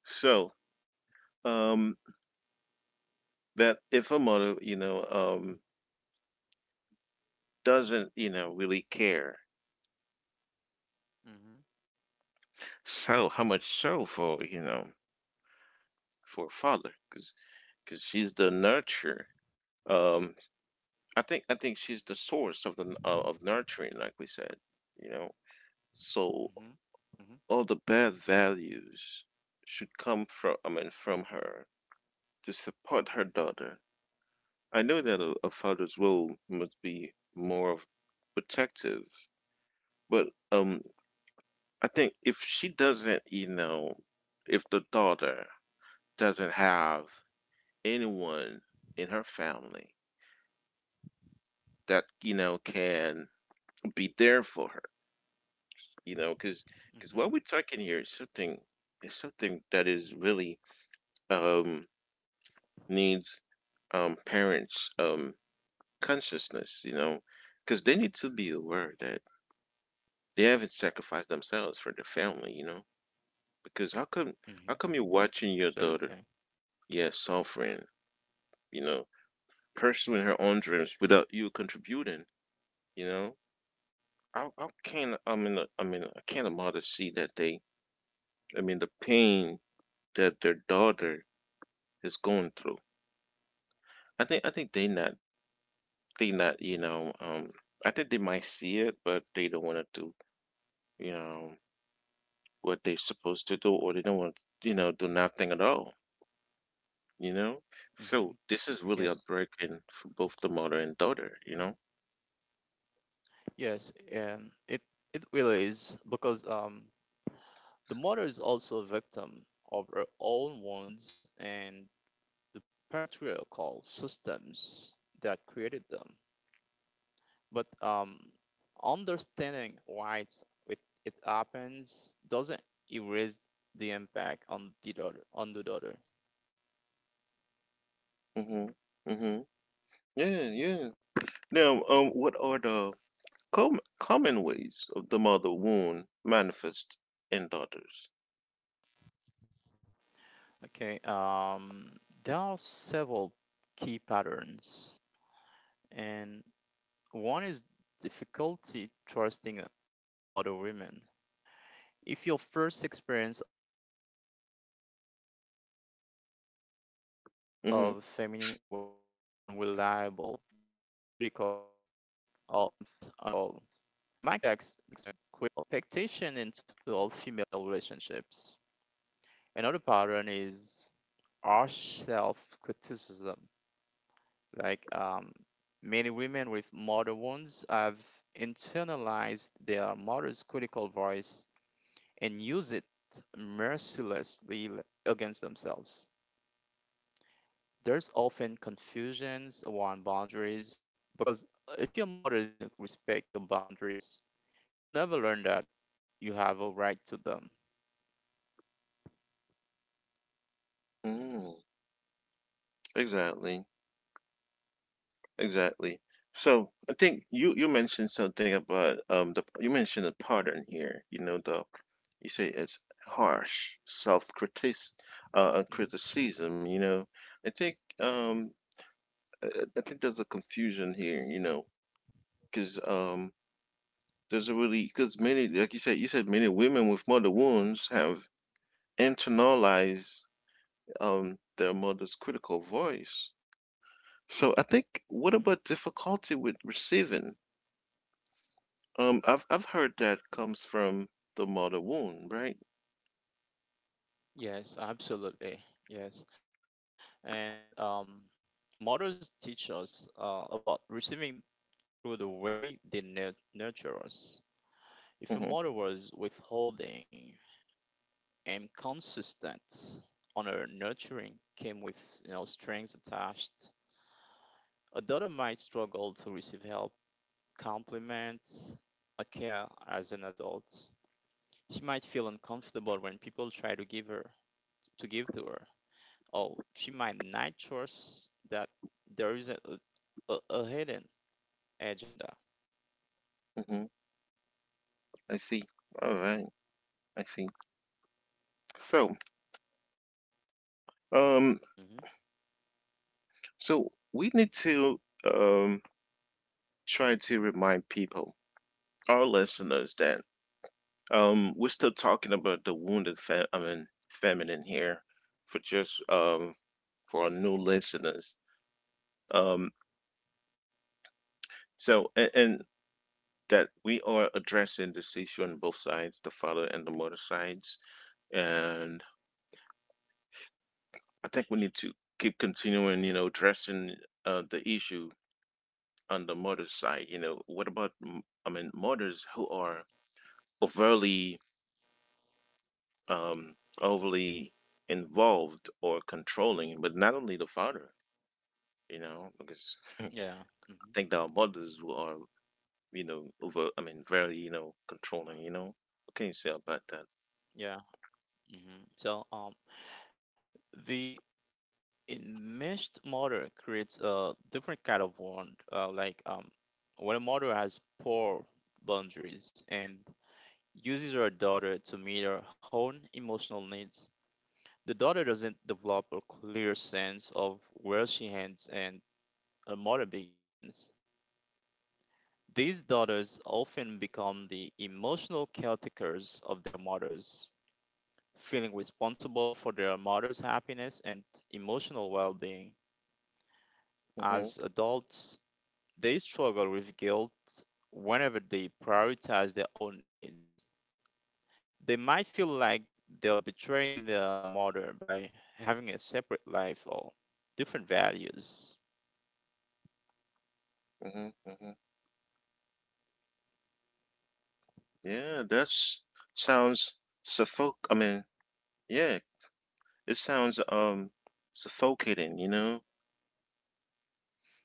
Speaker 1: so, um, if a mother, doesn't, really care.
Speaker 2: Mm-hmm.
Speaker 1: So how much so for for a father, because she's the nurturer. Um, I think, I think she's the source of the n- of nurturing, like we said. You know, so
Speaker 2: Mm-hmm.
Speaker 1: all the bad values should come from, I mean, from her to support her daughter. I know that a father's role must be more of protective, but I think if she doesn't, if the daughter doesn't have anyone in her family that can be there for her, because
Speaker 2: Mm-hmm.
Speaker 1: because what we're talking here is something, that is really um needs parents consciousness, because they need to be aware that they haven't sacrificed themselves for their family, because how come how
Speaker 2: Mm-hmm.
Speaker 1: come you're
Speaker 2: Hmm.
Speaker 1: watching your daughter,
Speaker 2: Absolutely.
Speaker 1: yeah, suffering, you know pursuing her own dreams without you contributing, you know I can, I mean, I mean, I can't imagine to see that they, I mean, the pain that their daughter is going through. I think they not I think they might see it, but they don't want to do you know what they're supposed to do, or they don't want to, do nothing at all, you know so
Speaker 2: Hmm.
Speaker 1: this is really
Speaker 2: Yes.
Speaker 1: heartbreaking for both the mother and daughter.
Speaker 2: Yes, and it really is because the mother is also a victim of her own wounds and the patriarchal systems that created them. But understanding why it, it happens doesn't erase the impact on the daughter.
Speaker 1: Mm-hmm. Mm-hmm. Yeah, yeah. Now, what are the common ways of the mother wound manifest in daughters?
Speaker 2: Okay. There are several key patterns, and one is difficulty trusting other women. If your first experience of feminine energy was unreliable,
Speaker 1: Mm-hmm.
Speaker 2: critical, or competitive, you might carry that expectation into all female relationships. Another pattern is our self criticism. Like many women with mother wounds have internalized their mother's critical voice and use it mercilessly against themselves. There's often confusions around boundaries because if your mother didn't respect your boundaries, you'll never learn that you have a right to them.
Speaker 1: Mm-hmm. Exactly. Exactly. So I think you mentioned something about the you mentioned a pattern here. You know the You say it's
Speaker 2: Hmm.
Speaker 1: harsh self-critic
Speaker 2: Mhm,
Speaker 1: criticism. I think I think there's a confusion here. Because there's a really because many, like you said, you said many women with mother wounds have internalized their mother's critical voice. So I think, what
Speaker 2: mhm.
Speaker 1: about difficulty with receiving? I've heard that comes from the mother womb, right?
Speaker 2: Yes, absolutely. Yes. And mothers teach us about receiving through the way they nurture us. If a
Speaker 1: Mm-hmm.
Speaker 2: mother was withholding and consistent on her nurturing came with strings attached, a daughter might struggle to receive help, compliments, or care as an adult. She might feel uncomfortable when people try to give to her. Or she might not trust that there is a hidden agenda.
Speaker 1: Mm-hmm. I see. All right, I see. So, um,
Speaker 2: Hmm.
Speaker 1: so we need to um try to remind people, our listeners, that we're still talking about the wounded I mean, feminine here, for just for our new
Speaker 2: Hmm.
Speaker 1: listeners. Um, so, and, that we are addressing this issue on both sides, the father and the mother sides. And I think we need to keep continuing, addressing the issue on the mother's side. What about, I mean, mothers who are overly, um, overly involved or controlling, but not only the father, you know, because I
Speaker 2: Yeah. Hmm.
Speaker 1: think that our mothers who are, I mean, very, controlling. What can you say about that?
Speaker 2: Yeah. Hmm. The enmeshed mother creates a different kind of world. Like, when a mother has poor boundaries and uses her daughter to meet her own emotional needs, the daughter doesn't develop a clear sense of where she ends and her mother begins. These daughters often become the emotional caretakers of their mothers, feeling responsible for their mother's happiness and emotional well being.
Speaker 1: Mm-hmm.
Speaker 2: As adults, they struggle with guilt whenever they prioritize their own needs. They might feel like they're betraying their mother by having a separate life or different values.
Speaker 1: Mm-hmm. Mm-hmm. Yeah, that's, sounds, suffoc. I mean, yeah, it sounds suffocating.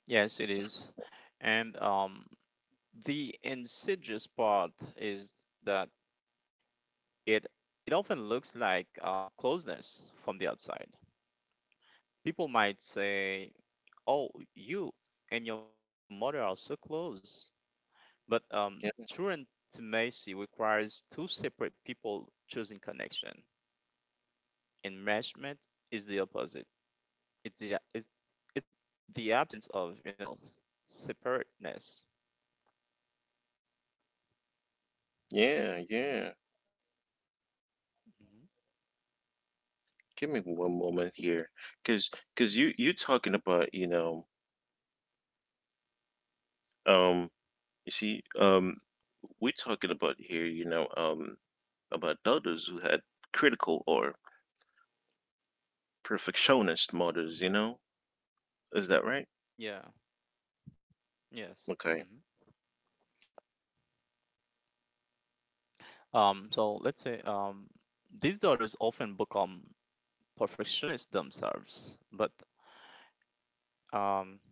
Speaker 2: Yes, it is. And the insidious part is that it it often looks like closeness from the outside. People might say, "Oh, you and your mother are so close," but
Speaker 1: Yeah,
Speaker 2: true intimacy requires two separate people choosing connection. Enmeshment is the opposite. It's the it's it's the absence of separateness.
Speaker 1: yeah, yeah.
Speaker 2: Hmm.
Speaker 1: Give me one moment here, cause, cause, you talking aboutum, you see, we talking about here, about others who had critical or perfectionist models, you
Speaker 2: Hmm.
Speaker 1: know? Is that right?
Speaker 2: Yeah. Yes.
Speaker 1: Okay.
Speaker 2: Hmm. So let's say these daughters often become perfectionists themselves, but um,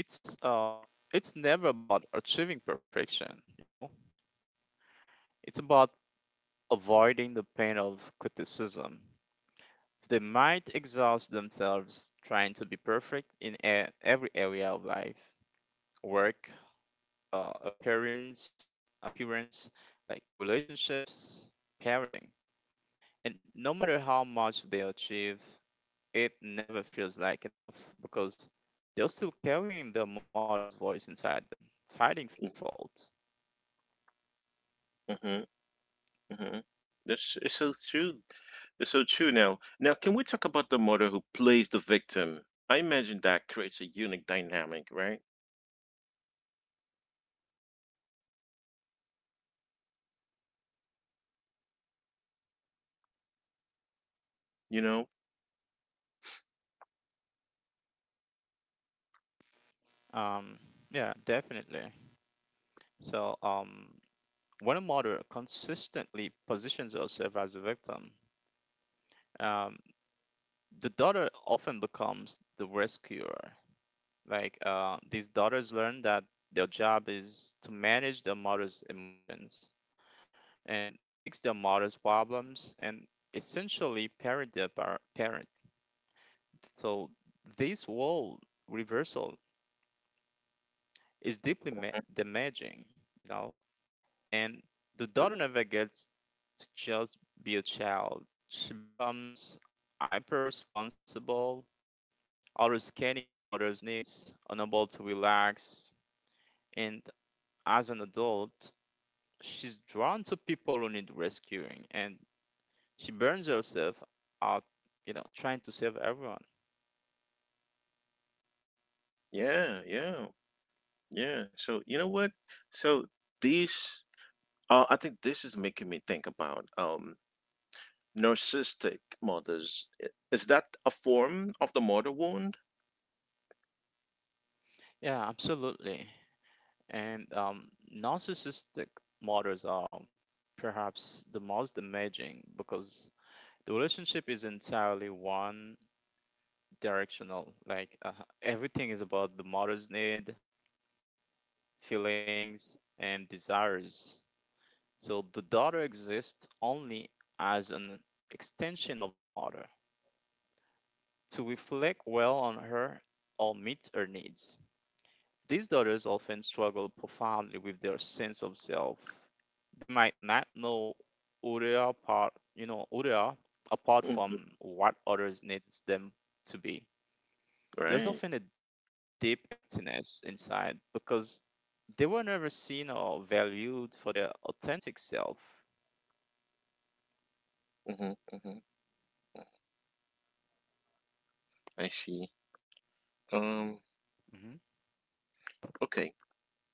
Speaker 2: it's uh, it's never about achieving perfection. You know, it's about avoiding the pain of criticism. They might exhaust themselves trying to be perfect in every area of life, work, appearance, like relationships, parenting. And no matter how much they achieve, it never feels like enough because they're still carrying their mother's voice inside them, fighting fault.
Speaker 1: Mm-hmm. Mm-hmm. That's it's so true. It's so true. Now. Now, can we talk about the mother who plays the victim? I imagine that creates a unique dynamic, right? You know?
Speaker 2: Um, yeah, definitely. So, when a mother consistently positions herself as a victim, um, the daughter often becomes the rescuer. Like, these daughters learn that their job is to manage their mother's emotions and fix their mother's problems and essentially parent their parents. So this wall reversal is deeply damaging, you know. And the daughter never gets to just be a child. She becomes hyper responsible, always scanning for others' needs, unable to relax. And as an adult, she's drawn to people who need rescuing, and she burns herself out, trying to save everyone.
Speaker 1: Yeah, yeah, yeah. So, you know what? So, these, I think this is making me think about narcissistic mothers. Is that a form of the mother wound?
Speaker 2: Yeah, absolutely. And narcissistic models are perhaps the most amazing because the relationship is entirely one directional. Like everything is about the mother's need, feelings, and desires. So the daughter exists only as an extension of the mother to reflect well on her or meet her needs. These daughters often struggle profoundly with their sense of self. They might not know who they are apart, you know, who they are
Speaker 1: Hmm.
Speaker 2: apart from what others needs them to be.
Speaker 1: Right.
Speaker 2: There's often a deep emptiness inside because they were never seen or valued for their authentic self.
Speaker 1: Hmm. Hmm. I see. Um,
Speaker 2: Hmm.
Speaker 1: Okay.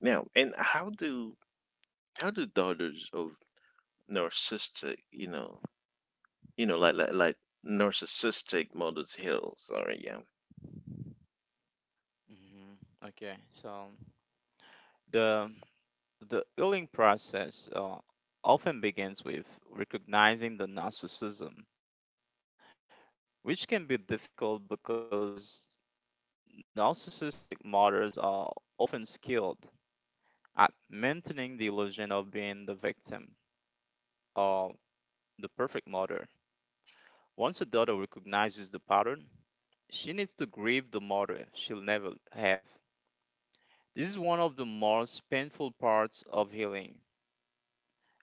Speaker 1: Now, and how do daughters of narcissistic, like narcissistic mothers heal? Sorry, yeah.
Speaker 2: Hmm. Okay, so the the healing process often begins with recognizing the narcissism which can be difficult because narcissistic mothers are often skilled at maintaining the illusion of being the victim or the perfect mother. Once a daughter recognizes the pattern, she needs to grieve the mother she'll never have. This is one of the most painful parts of healing,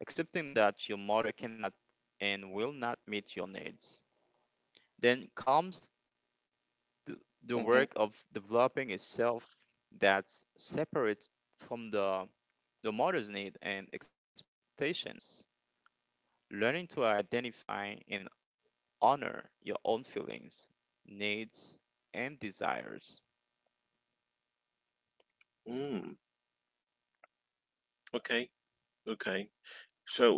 Speaker 2: accepting that your mother cannot and will not meet your needs. Then comes the the
Speaker 1: Hmm.
Speaker 2: work of developing itself that's separate from the mother's need and expectations. Learning to identify and honor your own feelings, needs, and desires.
Speaker 1: Mm, okay. Okay. So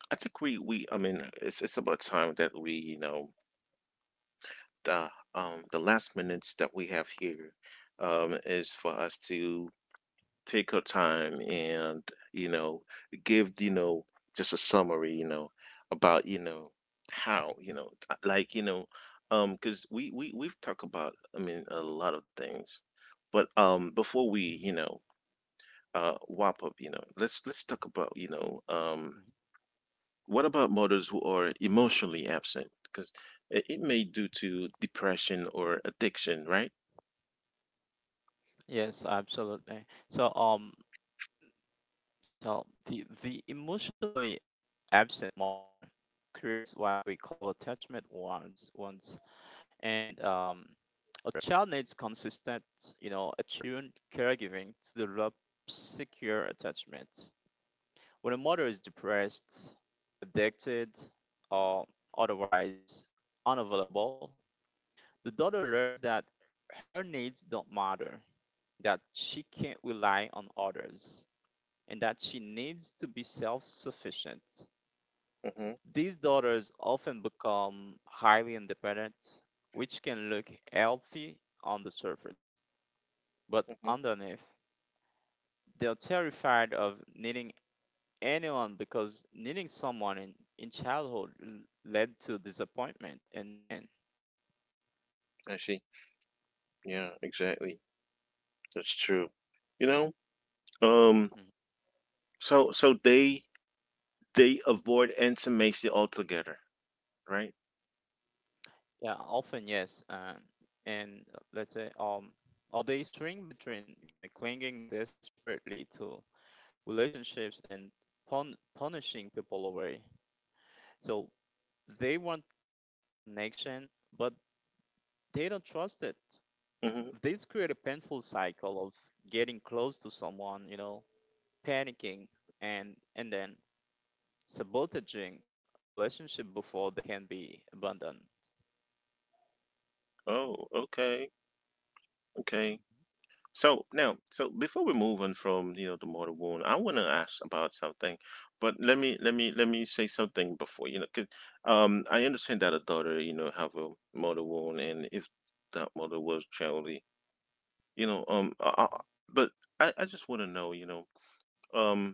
Speaker 1: I think we, I mean, it's, about time that we, the last
Speaker 2: Mhm,
Speaker 1: minutes that we have here is for us to take her time and, you know, give, you know, just a summary, you know, about, you know, how, you know
Speaker 2: mhm.
Speaker 1: like you know Because we've talked about, I mean, a lot of things, but before we, you know wrap up, you know let's talk about, you know What about mothers who are emotionally absent, because it may due to depression or addiction, right?
Speaker 2: Yes, absolutely. So the emotionally absent mother creates what we call attachment wounds. And a child needs consistent, attuned caregiving to develop secure attachment. When a mother is depressed, addicted, or otherwise unavailable, the daughter learns that her needs don't matter, that she can't rely on others, and that she needs to be self sufficient.
Speaker 1: Mm-hmm.
Speaker 2: These daughters often become highly independent, which can look healthy on the surface, but
Speaker 1: Mm-hmm.
Speaker 2: underneath, they're terrified of needing anyone because needing someone in childhood led to disappointment and pain.
Speaker 1: I see. Yeah, exactly, that's true you know Um.
Speaker 2: Mm.
Speaker 1: So they avoid intimacy altogether, right?
Speaker 2: Yeah, often yes. And uh, let's say, um, or they swing between clinging desperately to relationships and punishing people away. So they want connection, but they don't trust it.
Speaker 1: Hmm.
Speaker 2: This create a painful cycle of getting close to someone, panicking and then sabotaging the relationship before they can be abandoned.
Speaker 1: Oh, okay, okay. So now, so before we move on from the mortal wound, I want to ask about something. But let me say something before, you know, 'cause, I understand that a daughter have a mortal wound, and if that mother was generally, you know but I just want to know, you know um,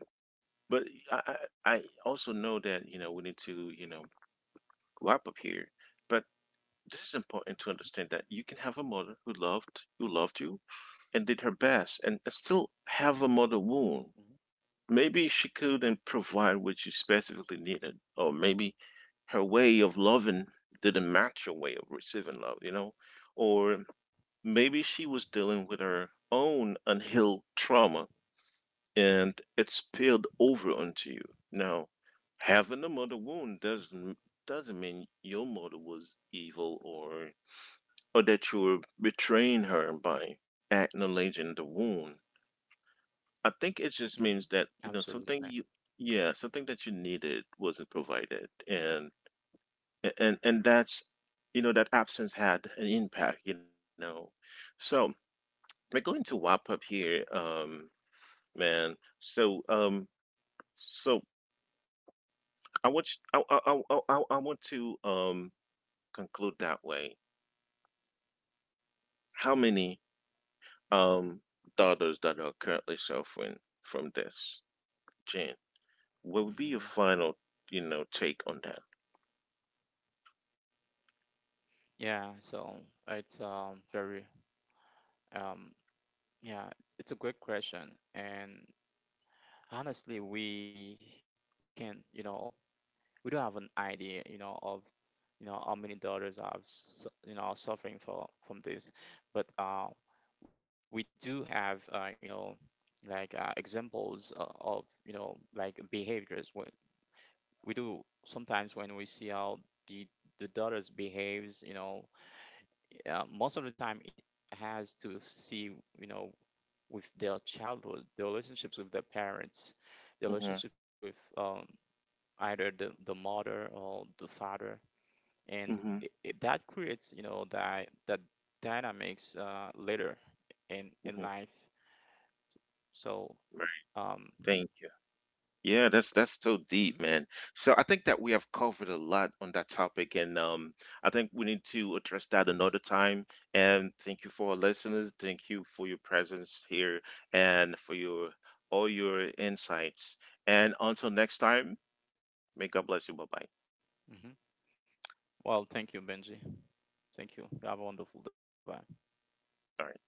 Speaker 1: but I I also know that we need to grow up here. But this is important to understand that you can have a mother who loved you and did her best, and still have a mother wound. Maybe she couldn't provide what you specifically needed, or maybe her way of loving didn't match your way of receiving love, you know? Or maybe she was dealing with her own unhealed trauma, and it's spilled over onto you. Now, having a mother wound doesn't mean your mother was evil, or that you were betraying her by acknowledging the wound. I think it just means that,
Speaker 2: Mm-hmm. Absolutely.
Speaker 1: something that you needed wasn't provided, and that's you know that absence had an impact. So we're going to wrap up here, man. So I want you, I want to conclude that way. How many um daughters that are currently suffering from this, Jane? What would be your
Speaker 2: Mm-hmm.
Speaker 1: final, take on that?
Speaker 2: Yeah, so it's very um yeah, it's a great question and honestly we can, you know, we don't have an idea of how many daughters are are suffering for from this, but we do have like examples of like behaviors. We do sometimes when we see how the the daughters behaves, most of the time it has to see you know with their childhood, their relationships with their parents, their
Speaker 1: Mm-hmm.
Speaker 2: relationships with either the mother or the father and
Speaker 1: Mm-hmm.
Speaker 2: that creates that dynamics later in
Speaker 1: Mm-hmm.
Speaker 2: in life. so
Speaker 1: Right.
Speaker 2: um
Speaker 1: Thank you. Yeah, that's so deep,
Speaker 2: mhm,
Speaker 1: man. So I think that we have covered a lot on that topic, and I think we need to address that another time. And thank you for our listeners. Thank you for your presence here and for your all your insights. And until next time, may God bless you. Bye bye.
Speaker 2: mhm. Well, thank you, Benji. Thank you. Have a wonderful day. Bye bye.
Speaker 1: All right.